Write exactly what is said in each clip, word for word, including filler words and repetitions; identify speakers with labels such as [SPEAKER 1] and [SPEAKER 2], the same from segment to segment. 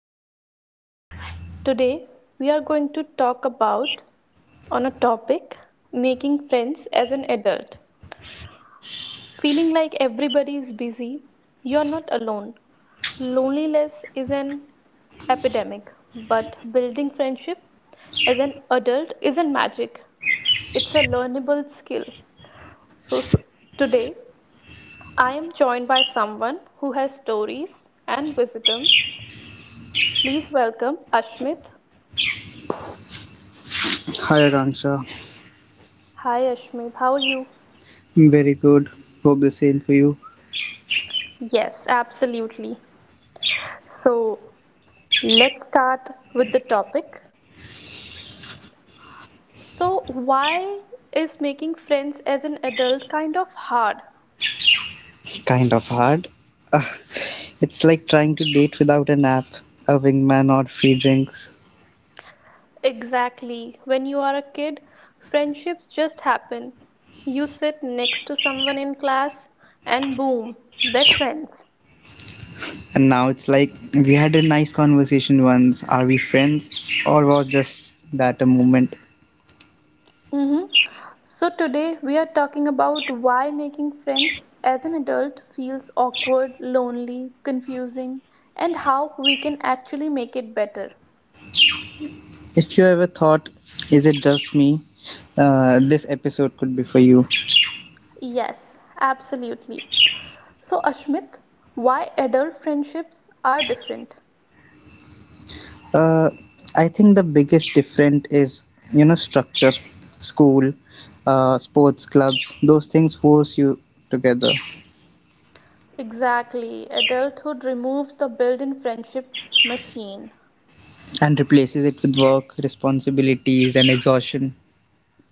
[SPEAKER 1] podcast. Today, we are going to talk about, on a topic, making friends as an adult. Feeling like everybody is busy, you're not alone. Loneliness is an epidemic, but building friendship as an adult isn't magic. It's a learnable skill. So, so today, I am joined by someone who has stories and wisdom. Please welcome Ashmit.
[SPEAKER 2] Hi Akanksha,
[SPEAKER 1] Hi Ashmit, how are you?
[SPEAKER 2] very good. Hope the same for you.
[SPEAKER 1] Yes, absolutely. So let's start with the topic. So, why is making friends as an adult kind of hard?
[SPEAKER 2] Kind of hard. Ugh, it's like trying to date without an app, a wingman, or free drinks.
[SPEAKER 1] Exactly. When you are a kid, friendships just happen. You sit next to someone in class, and boom, best friends.
[SPEAKER 2] And now it's like we had a nice conversation once. Are we friends, or was just that a moment?
[SPEAKER 1] Mm-hmm. So, today we are talking about why making friends as an adult feels awkward, lonely, confusing, and how we can actually make it better.
[SPEAKER 2] If you ever thought, is it just me? Uh, this episode could be for you.
[SPEAKER 1] Yes, absolutely. So, Ashmit, why adult friendships are different?
[SPEAKER 2] Uh, I think the biggest difference is, you know, structure, school, uh, sports clubs, those things force you together
[SPEAKER 1] Exactly. Adulthood removes the built in friendship machine.
[SPEAKER 2] and replaces it with work, responsibilities, and exhaustion.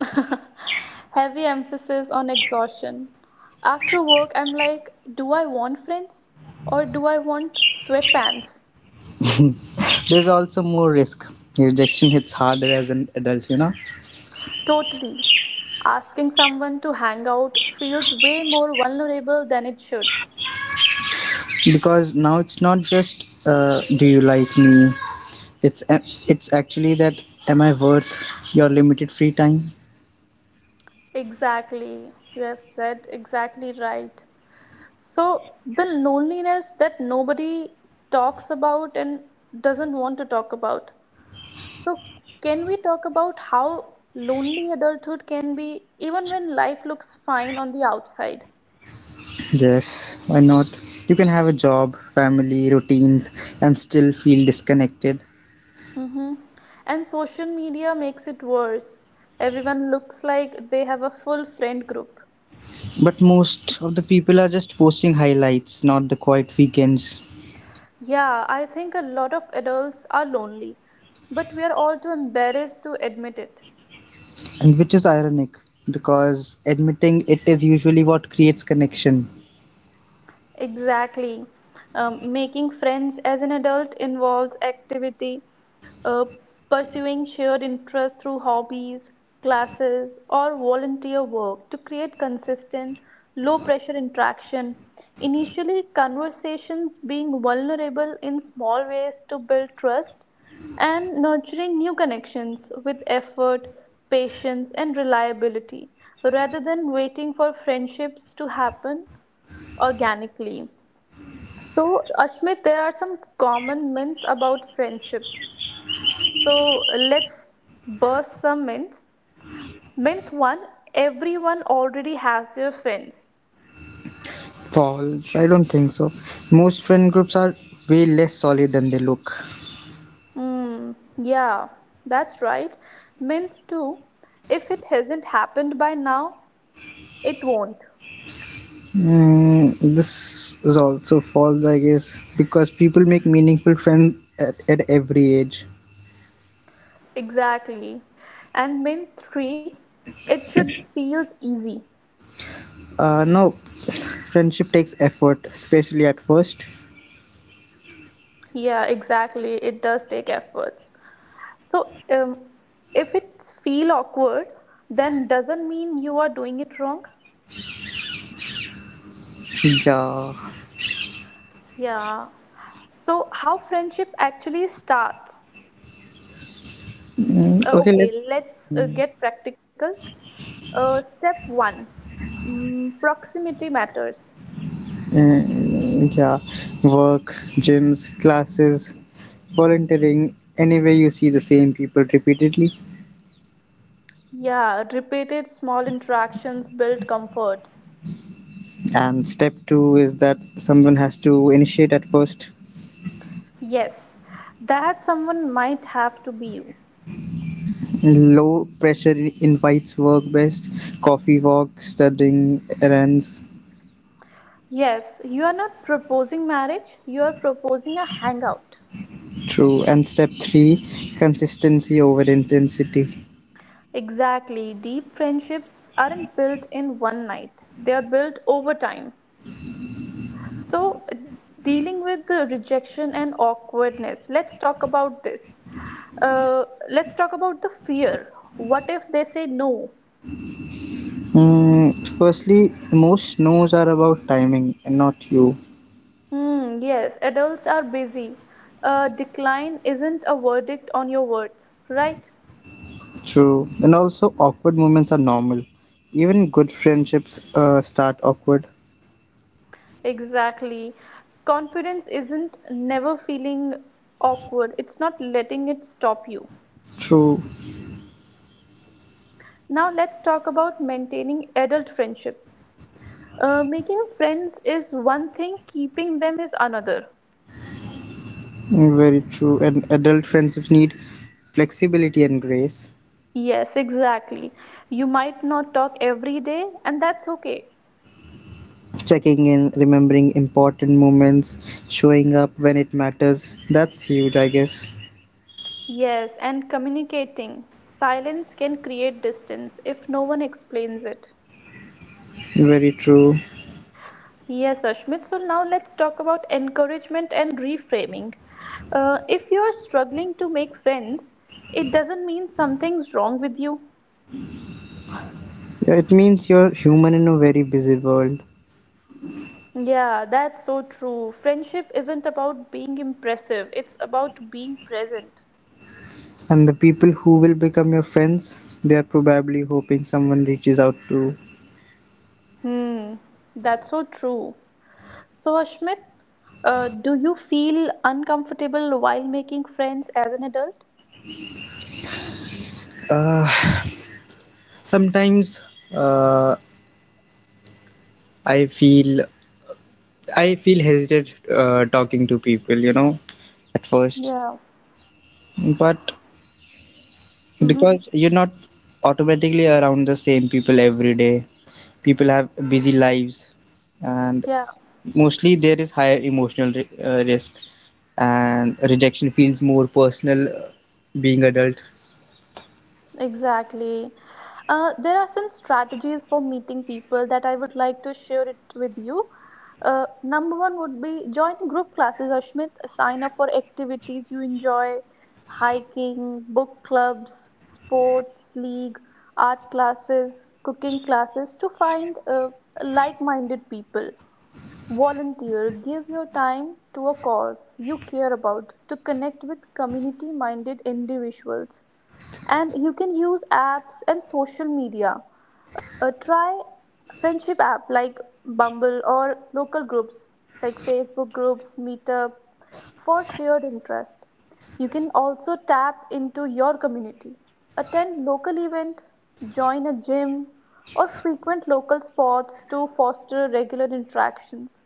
[SPEAKER 1] Heavy emphasis on exhaustion. After work, I'm like, do I want friends or do I want sweatpants?
[SPEAKER 2] There's also more risk. Rejection hits harder as an adult, you know,
[SPEAKER 1] Totally. Asking someone to hang out feels way more vulnerable than it should.
[SPEAKER 2] because now it's not just uh, do you like me. It's uh, it's actually that am I worth your limited free time?
[SPEAKER 1] Exactly. You have said exactly right. So, the loneliness that nobody talks about and doesn't want to talk about. So, can we talk about how lonely adulthood can be, even when life looks fine on the outside?
[SPEAKER 2] Yes, why not? You can have a job, family, routines, and still feel disconnected.
[SPEAKER 1] Hmm. And social media makes it worse. Everyone looks like they have a full friend group.
[SPEAKER 2] But most of the people are just posting highlights, not the quiet weekends.
[SPEAKER 1] Yeah, I think a lot of adults are lonely, but we are all too embarrassed to admit it.
[SPEAKER 2] And which is ironic, because admitting it is usually what creates connection.
[SPEAKER 1] Exactly. Um, making friends as an adult involves activity, uh, pursuing shared interests through hobbies, classes, or volunteer work to create consistent, low pressure interaction. Initially, conversations being vulnerable in small ways to build trust and nurturing new connections with effort, patience, and reliability rather than waiting for friendships to happen organically. So, Ashmit, there are some common myths about friendships. So let's burst some myths. Myth one, everyone already has their friends.
[SPEAKER 2] False, I don't think so. Most friend groups are way less solid than they look.
[SPEAKER 1] Hmm, yeah, that's right. Myth two, if it hasn't happened by now, it won't.
[SPEAKER 2] Mm, this is also false, I guess, because people make meaningful friends at, at every age.
[SPEAKER 1] Exactly. And myth three, it should feels easy.
[SPEAKER 2] Uh, no, friendship takes effort, especially at first.
[SPEAKER 1] Yeah, exactly. It does take efforts. So, um, if it feel awkward, then doesn't mean you are doing it wrong.
[SPEAKER 2] Yeah.
[SPEAKER 1] Yeah. So, how friendship actually starts?
[SPEAKER 2] Mm,
[SPEAKER 1] Uh,
[SPEAKER 2] okay, let
[SPEAKER 1] okay, let's uh, get practical. Uh, step one mm, Proximity matters.
[SPEAKER 2] mm, yeah. Work, gyms, classes, volunteering. Anyway, you see the same people repeatedly.
[SPEAKER 1] Yeah, repeated small interactions build comfort.
[SPEAKER 2] And step two is that someone has to initiate at first.
[SPEAKER 1] Yes, that someone might have to be you.
[SPEAKER 2] Low pressure invites work best, coffee walk, studying errands.
[SPEAKER 1] Yes, you are not proposing marriage, you are proposing a hangout.
[SPEAKER 2] True. And step three, consistency over intensity.
[SPEAKER 1] Exactly, deep friendships aren't built in one night, they are built over time. So, uh, dealing with the rejection and awkwardness, let's talk about this. Uh, let's talk about the fear. What if they say no?
[SPEAKER 2] Mm, firstly, most no's are about timing and not you.
[SPEAKER 1] Hmm, yes, adults are busy. A decline isn't a verdict on your worth, right?
[SPEAKER 2] True. And also, awkward moments are normal. Even good friendships uh, start awkward.
[SPEAKER 1] Exactly. Confidence isn't never feeling awkward, it's not letting it stop you.
[SPEAKER 2] True.
[SPEAKER 1] Now, let's talk about maintaining adult friendships. Uh, making friends is one thing, keeping them is another.
[SPEAKER 2] Mm, very true. And adult friendships need flexibility and grace.
[SPEAKER 1] Yes, exactly. You might not talk every day, and that's okay.
[SPEAKER 2] Checking in, remembering important moments, showing up when it matters. That's huge, I guess.
[SPEAKER 1] Yes, and communicating. Silence can create distance if no one explains it.
[SPEAKER 2] Very true.
[SPEAKER 1] Yes, Ashmit. So now let's talk about encouragement and reframing. Uh, if you're struggling to make friends, it doesn't mean something's wrong with you.
[SPEAKER 2] Yeah, it means you're human in a very busy world.
[SPEAKER 1] Yeah, that's so true. Friendship isn't about being impressive, it's about being present.
[SPEAKER 2] And the people who will become your friends, they are probably hoping someone reaches out to.
[SPEAKER 1] Hmm, that's so true. So, Ashmit, uh, do you feel uncomfortable while making friends as an adult?
[SPEAKER 2] Uh, Sometimes uh, I feel I feel hesitant uh, talking to people, you know, at
[SPEAKER 1] Yeah.
[SPEAKER 2] first, but
[SPEAKER 1] Mm-hmm.
[SPEAKER 2] because you're not automatically around the same people every day. People have busy lives, and
[SPEAKER 1] Yeah,
[SPEAKER 2] mostly there is higher emotional ri- uh, risk, and rejection feels more personal uh, being adult.
[SPEAKER 1] exactly. Uh, there are some strategies for meeting people that I would like to share it with you. Uh, number one would be join group classes, Ashmit. Sign up for activities you enjoy, hiking, book clubs, sports league, art classes, cooking classes to find uh, like-minded people. Volunteer, give your time to a cause you care about to connect with community minded individuals. And you can use apps and social media. Uh, try friendship app like Bumble or local groups like Facebook groups, Meetup for shared interest. You can also tap into your community. Attend local event, join a gym or frequent local sports to foster regular interactions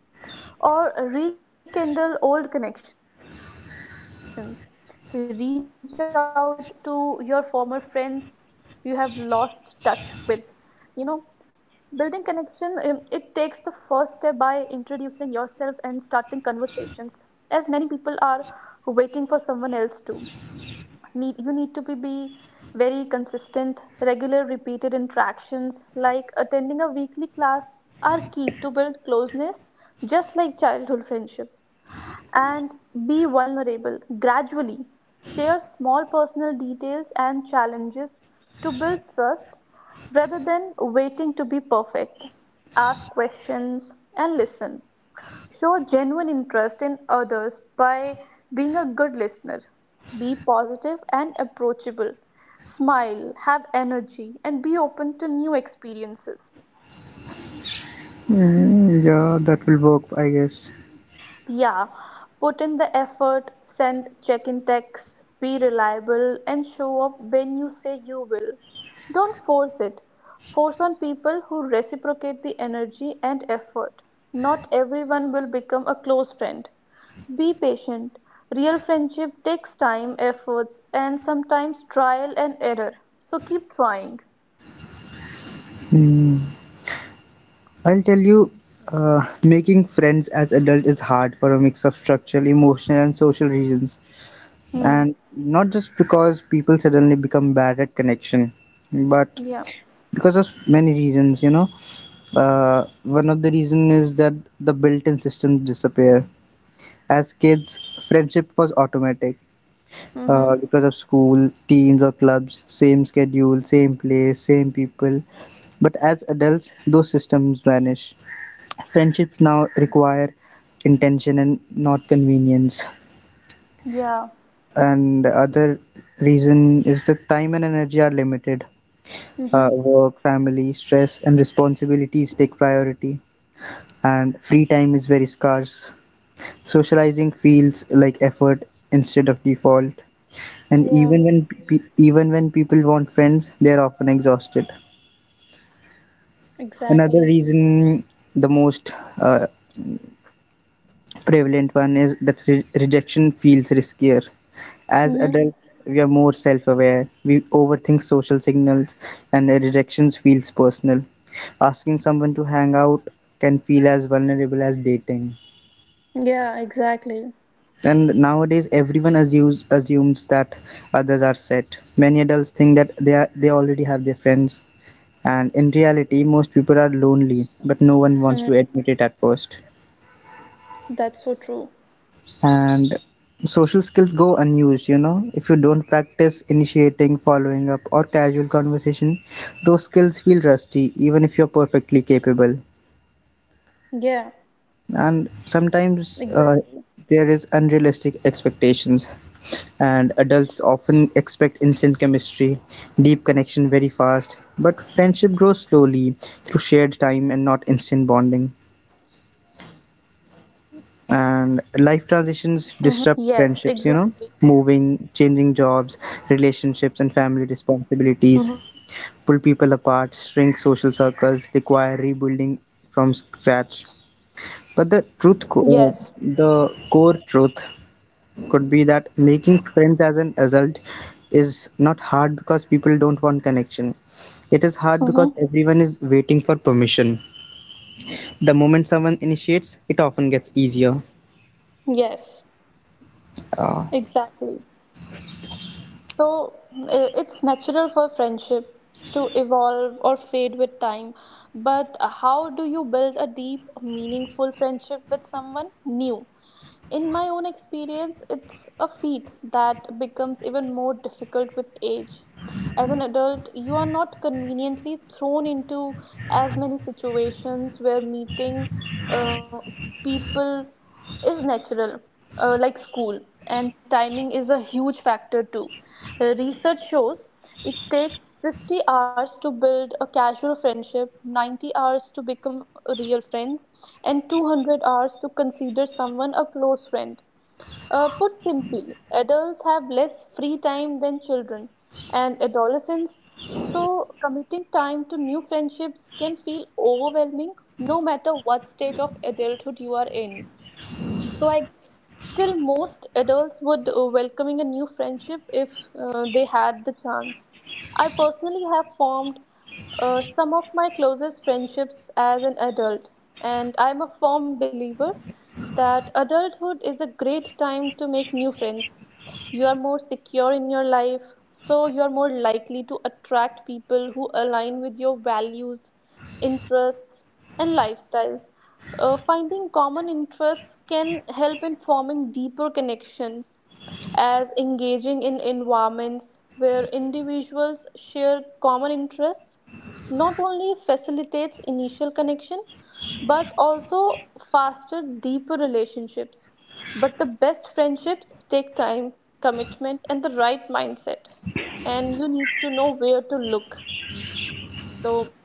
[SPEAKER 1] or rekindle old connections. Reach out to your former friends you have lost touch with. You know, building connection, um, it takes the first step by introducing yourself and starting conversations, as many people are waiting for someone else to need you. Need to be, be very consistent, regular, repeated interactions like attending a weekly class are key to build closeness, just like childhood friendship. And be vulnerable gradually, share small personal details and challenges to build trust rather than waiting to be perfect. Ask questions and listen. Show genuine interest in others by being a good listener. Be positive and approachable. Smile, have energy, and be open to new experiences.
[SPEAKER 2] Mm, yeah, that will work, I guess.
[SPEAKER 1] Yeah, put in the effort, send check in texts, be reliable, and show up when you say you will. Don't force it. Force on people who reciprocate the energy and effort. Not everyone will become a close friend. Be patient. Real friendship takes time, efforts, and sometimes trial and error. So keep trying.
[SPEAKER 2] Hmm. I'll tell you, uh, making friends as adult is hard for a mix of structural, emotional, and social reasons,
[SPEAKER 1] Hmm.
[SPEAKER 2] and not just because people suddenly become bad at connection, but
[SPEAKER 1] Yeah.
[SPEAKER 2] because of many reasons. You know, uh, one of the reason is that the built-in systems disappear. As kids, friendship was automatic,
[SPEAKER 1] Mm-hmm.
[SPEAKER 2] uh, because of school, teams, or clubs, same schedule, same place, same people. But as adults, those systems vanish. Friendships now require intention and not convenience.
[SPEAKER 1] Yeah.
[SPEAKER 2] And the other reason is that time and energy are limited.
[SPEAKER 1] Mm-hmm.
[SPEAKER 2] Uh, work, family, stress, and responsibilities take priority, and free time is very scarce. Socializing feels like effort instead of default. And
[SPEAKER 1] Yeah.
[SPEAKER 2] even when pe- even when people want friends, they are often exhausted. Another
[SPEAKER 1] Exactly.
[SPEAKER 2] reason, the most uh, prevalent one, is that re- rejection feels riskier as
[SPEAKER 1] Mm-hmm.
[SPEAKER 2] adults. We are more self-aware, we overthink social signals, and rejections feels personal. Asking someone to hang out can feel as vulnerable as dating.
[SPEAKER 1] Yeah, exactly.
[SPEAKER 2] And nowadays everyone assumes assumes that others are set. Many adults think that they are, they already have their friends. And in reality, most people are lonely, but no one wants to
[SPEAKER 1] Mhm.
[SPEAKER 2] admit it at first.
[SPEAKER 1] That's so true.
[SPEAKER 2] And social skills go unused, you know. If you don't practice initiating, following up, or casual conversation, those skills feel rusty, even if you're perfectly capable.
[SPEAKER 1] Yeah,
[SPEAKER 2] And sometimes uh,
[SPEAKER 1] exactly.
[SPEAKER 2] there is unrealistic expectations, and adults often expect instant chemistry, deep connection very fast. But friendship grows slowly through shared time and not instant bonding.
[SPEAKER 1] Mm-hmm.
[SPEAKER 2] And life
[SPEAKER 1] Yes,
[SPEAKER 2] transitions
[SPEAKER 1] exactly.
[SPEAKER 2] disrupt friendships, you know, moving, changing jobs, relationships and family
[SPEAKER 1] Mm-hmm.
[SPEAKER 2] responsibilities pull people apart, shrink social circles, require rebuilding from scratch. But the truth co-
[SPEAKER 1] Yes.
[SPEAKER 2] uh, the core truth could be that making friends as an adult is not hard because people don't want connection. It is hard because
[SPEAKER 1] Mm-hmm.
[SPEAKER 2] everyone is waiting for permission. The moment someone initiates, it often gets easier.
[SPEAKER 1] Yes,
[SPEAKER 2] uh,
[SPEAKER 1] exactly. So i- it's natural for friendships to evolve or fade with time, but how do you build a deep, meaningful friendship with someone new? In my own experience, it's a feat that becomes even more difficult with age. As an adult, you are not conveniently thrown into as many situations where meeting uh, people is natural, uh, like school, and timing is a huge factor too. Uh, research shows it takes fifty hours to build a casual friendship, ninety hours to become real friends, and two hundred hours to consider someone a close friend. Uh, put simply, adults have less free time than children and adolescents, so committing time to new friendships can feel overwhelming no matter what stage of adulthood you are in. So I guess still most adults would uh, welcoming a new friendship if uh, they had the chance. I personally have formed uh, some of my closest friendships as an adult, and I'm a firm believer that adulthood is a great time to make new friends. You are more secure in your life, so you are more likely to attract people who align with your values, interests, and lifestyle. Uh, finding common interests can help in forming deeper connections, as engaging in environments where individuals share common interests not only facilitates initial connection but also faster, deeper relationships. But the best friendships take time, commitment, and the right mindset, and you need to know where to look. So,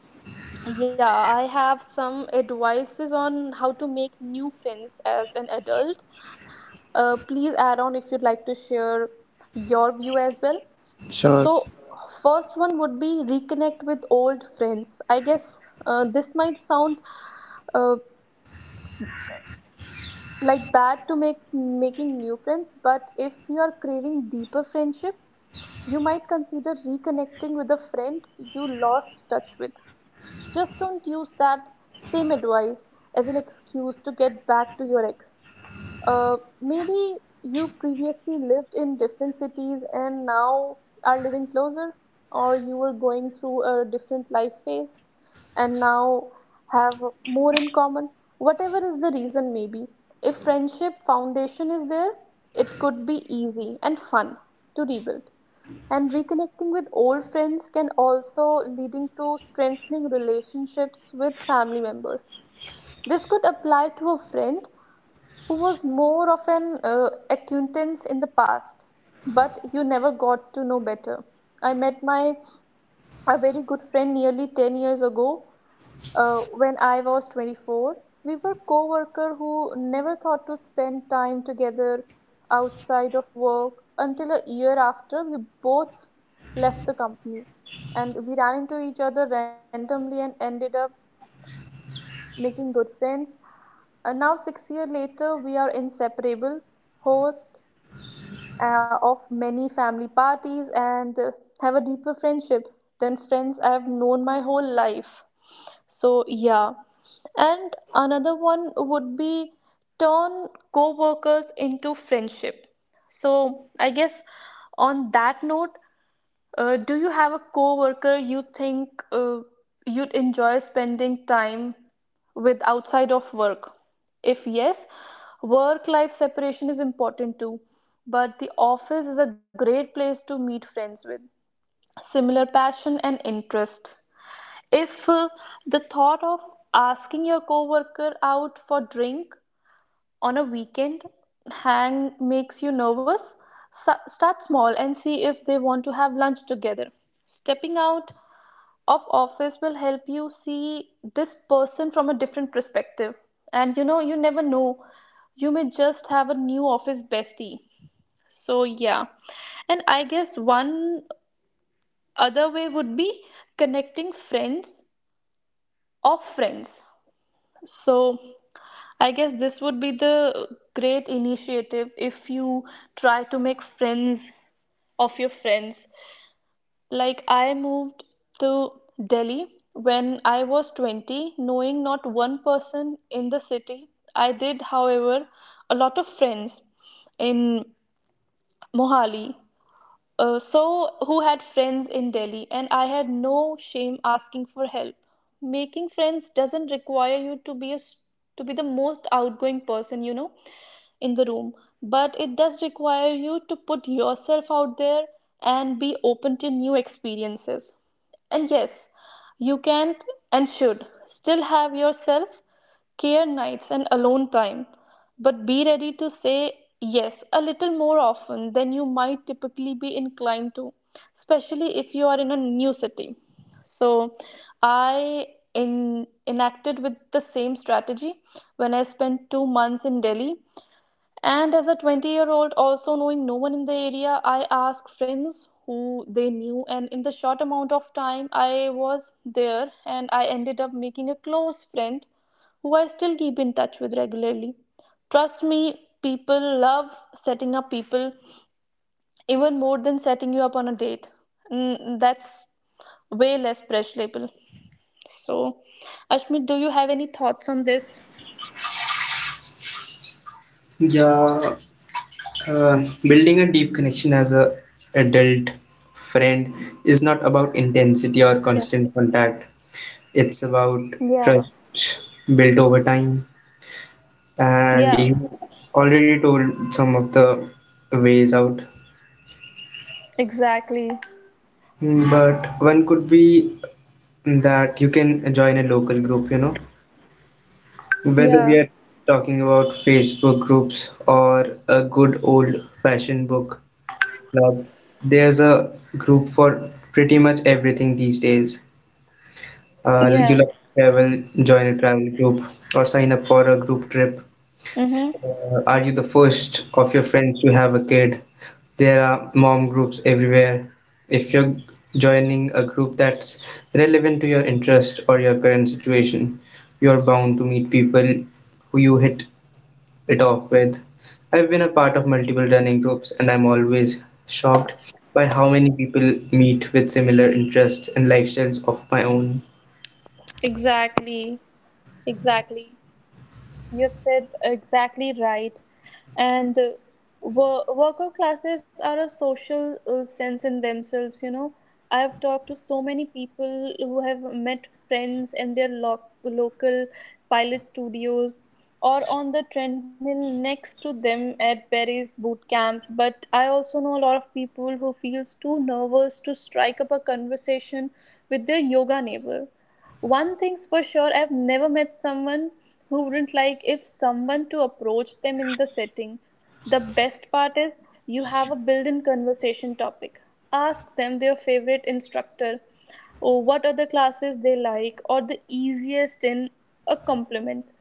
[SPEAKER 1] yeah, I have some advices on how to make new friends as an adult. Uh, please add on if you'd like to share your view as well.
[SPEAKER 2] sure.
[SPEAKER 1] So, first one would be reconnect with old friends. I guess uh, this might sound uh, like bad to make making new friends, but if you are craving deeper friendship, you might consider reconnecting with a friend you lost touch with. Just don't use that same advice as an excuse to get back to your ex. Uh, maybe you previously lived in different cities and now are living closer, or you were going through a different life phase and now have more in common. Whatever is the reason, maybe. If friendship foundation is there, it could be easy and fun to rebuild, and reconnecting with old friends can also leading to strengthening relationships with family members. This could apply to a friend who was more of an uh, acquaintance in the past, but you never got to know better. I met my a very good friend nearly ten years ago, uh, when I was twenty-four. We were co-worker who never thought to spend time together outside of work until a year after we both left the company. And we ran into each other randomly and ended up making good friends. And now, six years later, we are inseparable, host, uh, of many family parties, and uh, have a deeper friendship than friends I have known my whole life. So, yeah. And another one would be turn co workers into friendship. So, I guess on that note, uh, do you have a coworker you think uh, you'd enjoy spending time with outside of work? If yes, work life separation is important too, but the office is a great place to meet friends with similar passion and interest. If uh, the thought of asking your coworker out for drink on a weekend hang makes you nervous, Sa- start small and see if they want to have lunch together. Stepping out of office will help you see this person from a different perspective, and you know, you never know, you may just have a new office bestie. So, yeah. And I guess one other way would be connecting friends of friends. So I guess this would be the great initiative if you try to make friends of your friends. Like, I moved to Delhi when I was twenty, knowing not one person in the city. I did, however, a lot of friends in Mohali. Uh, so, who had friends in Delhi, and I had no shame asking for help. Making friends doesn't require you to be a s- to be the most outgoing person, you know, in the room, but it does require you to put yourself out there and be open to new experiences. And yes, you can and should still have your self care nights and alone time, but be ready to say yes a little more often than you might typically be inclined to, especially if you are in a new city. So I in, enacted with the same strategy when I spent two months in Delhi. And as a twenty year old, also knowing no one in the area, I asked friends who they knew. And in the short amount of time I was there, and I ended up making a close friend who I still keep in touch with regularly. Trust me, people love setting up people even more than setting you up on a date. Mm, that's way less pressure label. So, Ashmit, do you have any thoughts on this?
[SPEAKER 2] Yeah, uh, building a deep connection as a adult friend is not about intensity or
[SPEAKER 1] Yeah.
[SPEAKER 2] constant contact. It's about
[SPEAKER 1] Yeah.
[SPEAKER 2] trust built over time. And
[SPEAKER 1] Yeah,
[SPEAKER 2] you already told some of the ways out.
[SPEAKER 1] exactly.
[SPEAKER 2] Mm, but one could be that you can join a local group, you know, whether we
[SPEAKER 3] Yeah,
[SPEAKER 2] are talking about Facebook groups or a good old fashioned book. Like, there's a group for pretty much everything these days. Uh, you
[SPEAKER 3] yeah,
[SPEAKER 2] like to travel, join a travel group, or sign up for a group trip.
[SPEAKER 3] mm-hmm.
[SPEAKER 2] Uh, are you the first of your friends to have a kid? There are mom groups everywhere. If you're joining a group that's relevant to your interest or your current situation, you're bound to meet people who you hit it off with. I've been a part of multiple running groups and I'm always shocked by how many people meet with similar interests and lifestyles of my own.
[SPEAKER 3] Exactly, exactly. You've said exactly right. and uh, wor- worker classes are a social uh, sense in themselves you know I have talked to so many people who have met friends in their lo- local pilot studios, or on the treadmill next to them at Barry's boot camp. But I also know a lot of people who feels too nervous to strike up a conversation with their yoga neighbor. One thing's for sure, I've never met someone who wouldn't like if someone to approach them in the setting. The best part is you have a built-in conversation topic. Ask them their favorite instructor, or what other classes they like, or the easiest in a compliment.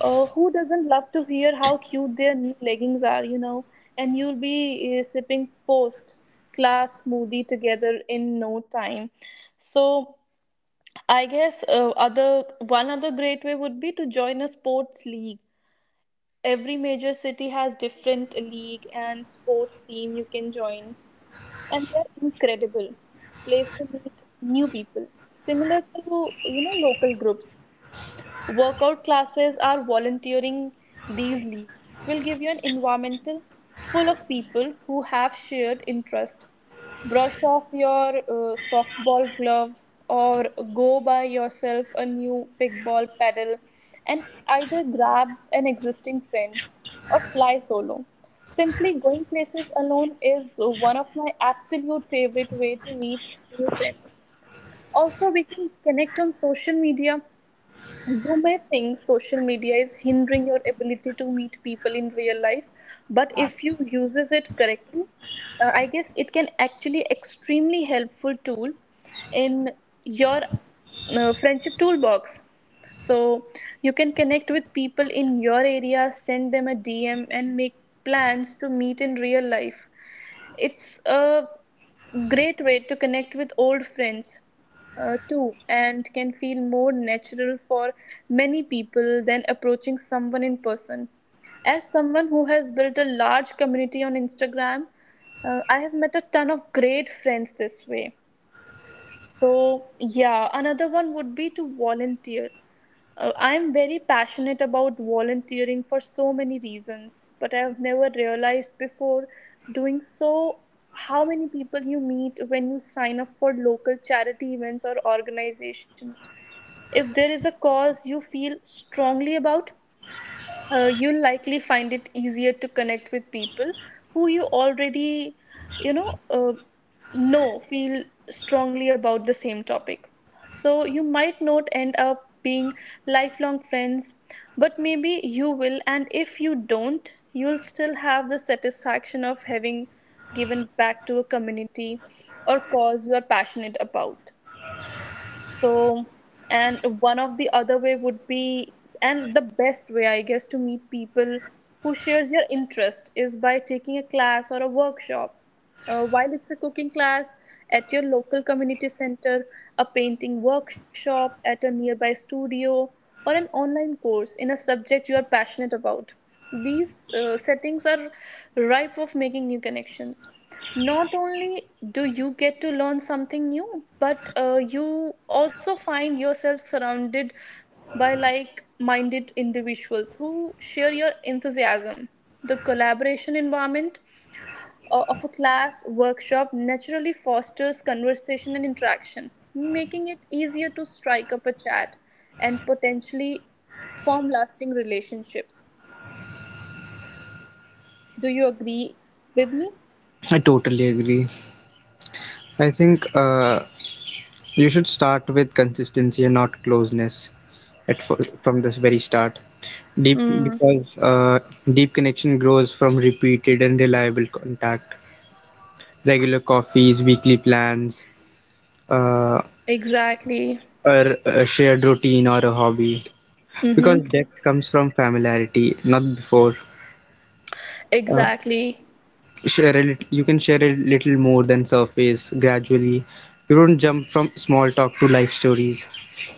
[SPEAKER 3] uh, Who doesn't love to hear how cute their new leggings are you know And you'll be uh, sipping post class smoothie together in no time. So I guess uh, other one other great way would be to join a sports league. Every major city has different league and sports team you can join, and they're incredible. Place to meet new people, similar to you know local groups. Workout classes are volunteering, these leagues will give you an environmental full of people who have shared interest. Brush off your uh, softball glove, or go buy yourself a new pickball paddle, and either grab an existing friend, or fly solo. Simply going places alone is one of my absolute favorite way to meet new friends. Also, we can connect on social media. You may think social media is hindering your ability to meet people in real life, but if you uses it correctly, uh, I guess it can actually extremely helpful tool in your uh, friendship toolbox. So you can connect with people in your area, send them a D M, and make plans to meet in real life. It's a great way to connect with old friends uh, too, and can feel more natural for many people than approaching someone in person. As someone who has built a large community on Instagram, uh, I have met a ton of great friends this way. So, yeah, another one would be to volunteer. Uh, I'm very passionate about volunteering for so many reasons, but I've never realized before doing so how many people you meet when you sign up for local charity events or organizations. If there is a cause you feel strongly about, uh, you'll likely find it easier to connect with people who you already you know uh, know feel strongly about the same topic. So you might not end up being lifelong friends, but maybe you will, and if you don't you'll still have the satisfaction of having given back to a community or cause you are passionate about. So, and one of the other way would be, and the best way, I guess, to meet people who shares your interest is by taking a class or a workshop. Uh, while it's a cooking class at your local community center, a painting workshop at a nearby studio, or an online course in a subject you are passionate about. These uh, settings are ripe of making new connections. Not only do you get to learn something new, but uh, you also find yourself surrounded by like minded individuals who share your enthusiasm. The collaboration environment uh, of a class workshop naturally fosters conversation and interaction, making it easier to strike up a chat and potentially form lasting relationships. Do you agree with me?
[SPEAKER 2] I totally agree. I think uh, you should start with consistency and not closeness at f- from this very start. Deep
[SPEAKER 3] Mm,
[SPEAKER 2] because uh, Deep connection grows from repeated and reliable contact, regular coffees, weekly plans, uh,
[SPEAKER 3] exactly.
[SPEAKER 2] or a shared routine or a hobby, because
[SPEAKER 3] Mm-hmm.
[SPEAKER 2] depth comes from familiarity, not before. Uh,
[SPEAKER 3] Exactly.
[SPEAKER 2] share a lit- you can share a little more than surface gradually. You don't jump from small talk to life stories.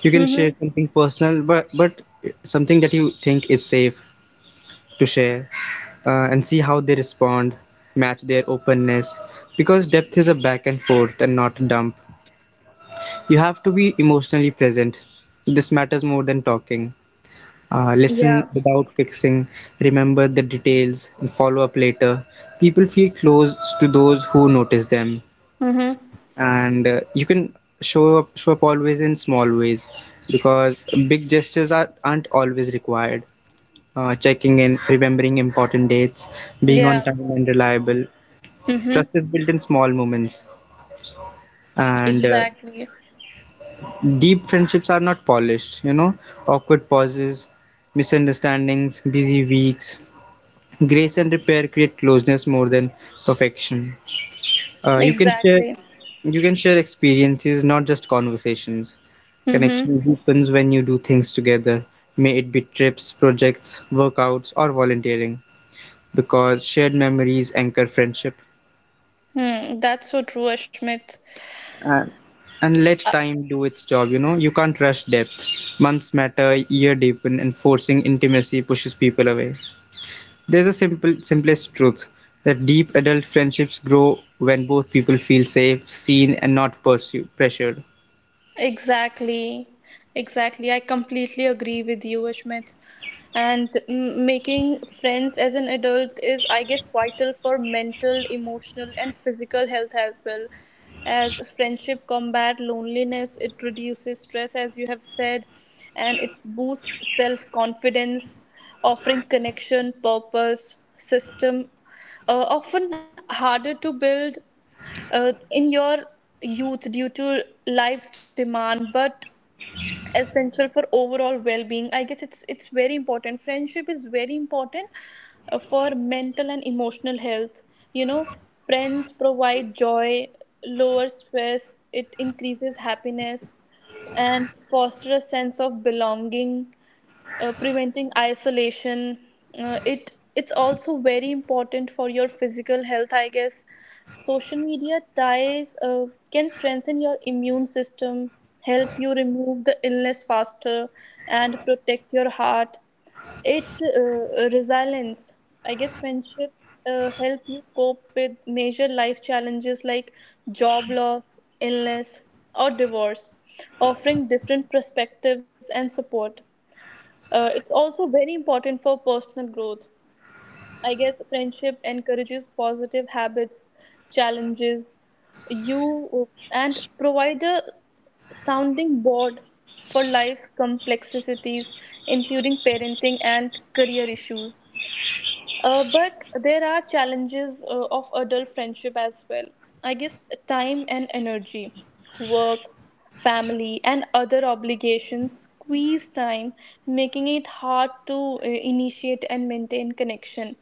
[SPEAKER 2] You can share
[SPEAKER 3] Mm-hmm.
[SPEAKER 2] something personal, but but something that you think is safe to share, uh, and see how they respond. Match their openness, because depth is a back and forth and not a dump. You have to be emotionally present. This matters more than talking. Uh, listen
[SPEAKER 3] Yeah.
[SPEAKER 2] without fixing, remember the details, and follow up later. People feel close to those who notice them,
[SPEAKER 3] Mm-hmm.
[SPEAKER 2] and uh, you can show up show up always in small ways, because big gestures are, aren't always required. Uh, checking in, remembering important dates, being on
[SPEAKER 3] Yeah.
[SPEAKER 2] time and reliable. Trust
[SPEAKER 3] Mm-hmm.
[SPEAKER 2] is built in small moments, and uh,
[SPEAKER 3] Exactly.
[SPEAKER 2] deep friendships are not polished. You know, awkward pauses, misunderstandings, busy weeks. Grace and repair create closeness more than perfection. Uh, you can share
[SPEAKER 3] Exactly.
[SPEAKER 2] you can share experiences, not just conversations.
[SPEAKER 3] Mm-hmm.
[SPEAKER 2] Connection deepens when you do things together, may it be trips, projects, workouts, or volunteering, because shared memories anchor friendship.
[SPEAKER 3] Hmm. That's so true, Ashmit.
[SPEAKER 2] And, and let time do its job, you know, you can't rush depth. Months matter, year deepen, and forcing intimacy pushes people away. There's a simple simplest truth that deep adult friendships grow when both people feel safe, seen and not pursu- pressured.
[SPEAKER 3] Exactly, exactly. I completely agree with you, Ashmit. And mm, making friends as an adult is, I guess, vital for mental, emotional, and physical health as well. As friendship combat loneliness, it reduces stress, as you have said, and it boosts self confidence, offering connection, purpose, system, uh, often harder to build uh, in your youth due to life's demand, but essential for overall well-being i guess it's it's very important. Friendship is very important uh, for mental and emotional health you know Friends provide joy, lower stress, it increases happiness, and foster a sense of belonging, uh, preventing isolation. Uh, it it's also very important for your physical health, I guess. Social media ties uh, can strengthen your immune system, help you remove the illness faster, and protect your heart. It uh, resilience, I guess friendship uh, help you cope with major life challenges like job loss, illness, or divorce, offering different perspectives and support. Uh, it's also very important for personal growth. I guess friendship encourages positive habits, challenges you, and provide a sounding board for life's complexities, including parenting and career issues. Uh, but there are challenges uh, of adult friendship as well. I guess time and energy, work, family, and other obligations squeeze time, making it hard to uh, initiate and maintain connection.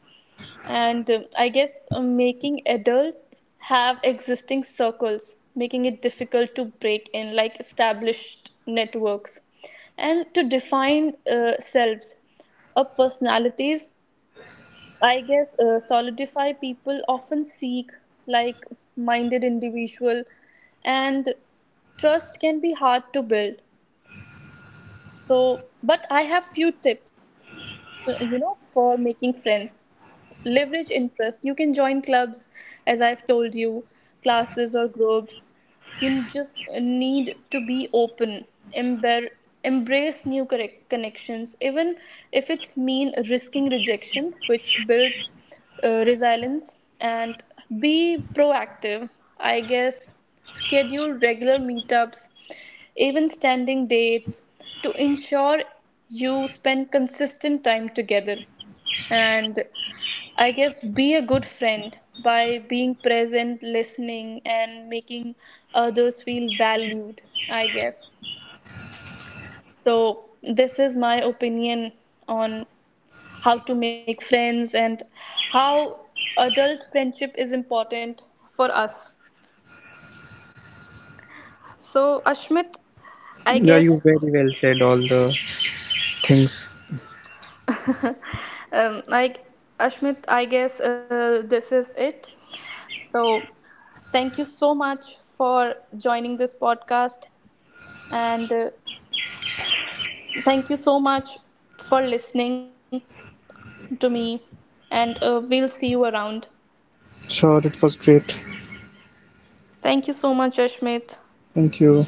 [SPEAKER 3] And uh, I guess uh, making adults have existing circles, making it difficult to break in like established networks, and to define uh, selves. Of personalities, I guess uh, solidify people often seek like minded individual, and trust can be hard to build. So, but I have few tips. So, you know, for making friends, leverage interest. You can join clubs, as I've told you, classes or groups. You just need to be open, embar- embrace new correct connections, even if it's mean risking rejection, which builds uh, resilience. And be proactive, I guess. Schedule regular meetups, even standing dates, to ensure you spend consistent time together. And I guess be a good friend by being present, listening, and making others feel valued, I guess. So, this is my opinion on how to make friends and how adult friendship is important for us. So, Ashmit, I
[SPEAKER 2] Yeah, you very
[SPEAKER 3] guess,
[SPEAKER 2] well said all the things.
[SPEAKER 3] um, I, Ashmit, I guess uh, this is it. So, thank you so much for joining this podcast, and uh, thank you so much for listening to me, and uh, we'll see you around.
[SPEAKER 2] Sure, it was great.
[SPEAKER 3] Thank you so much, Ashmit.
[SPEAKER 2] Thank you.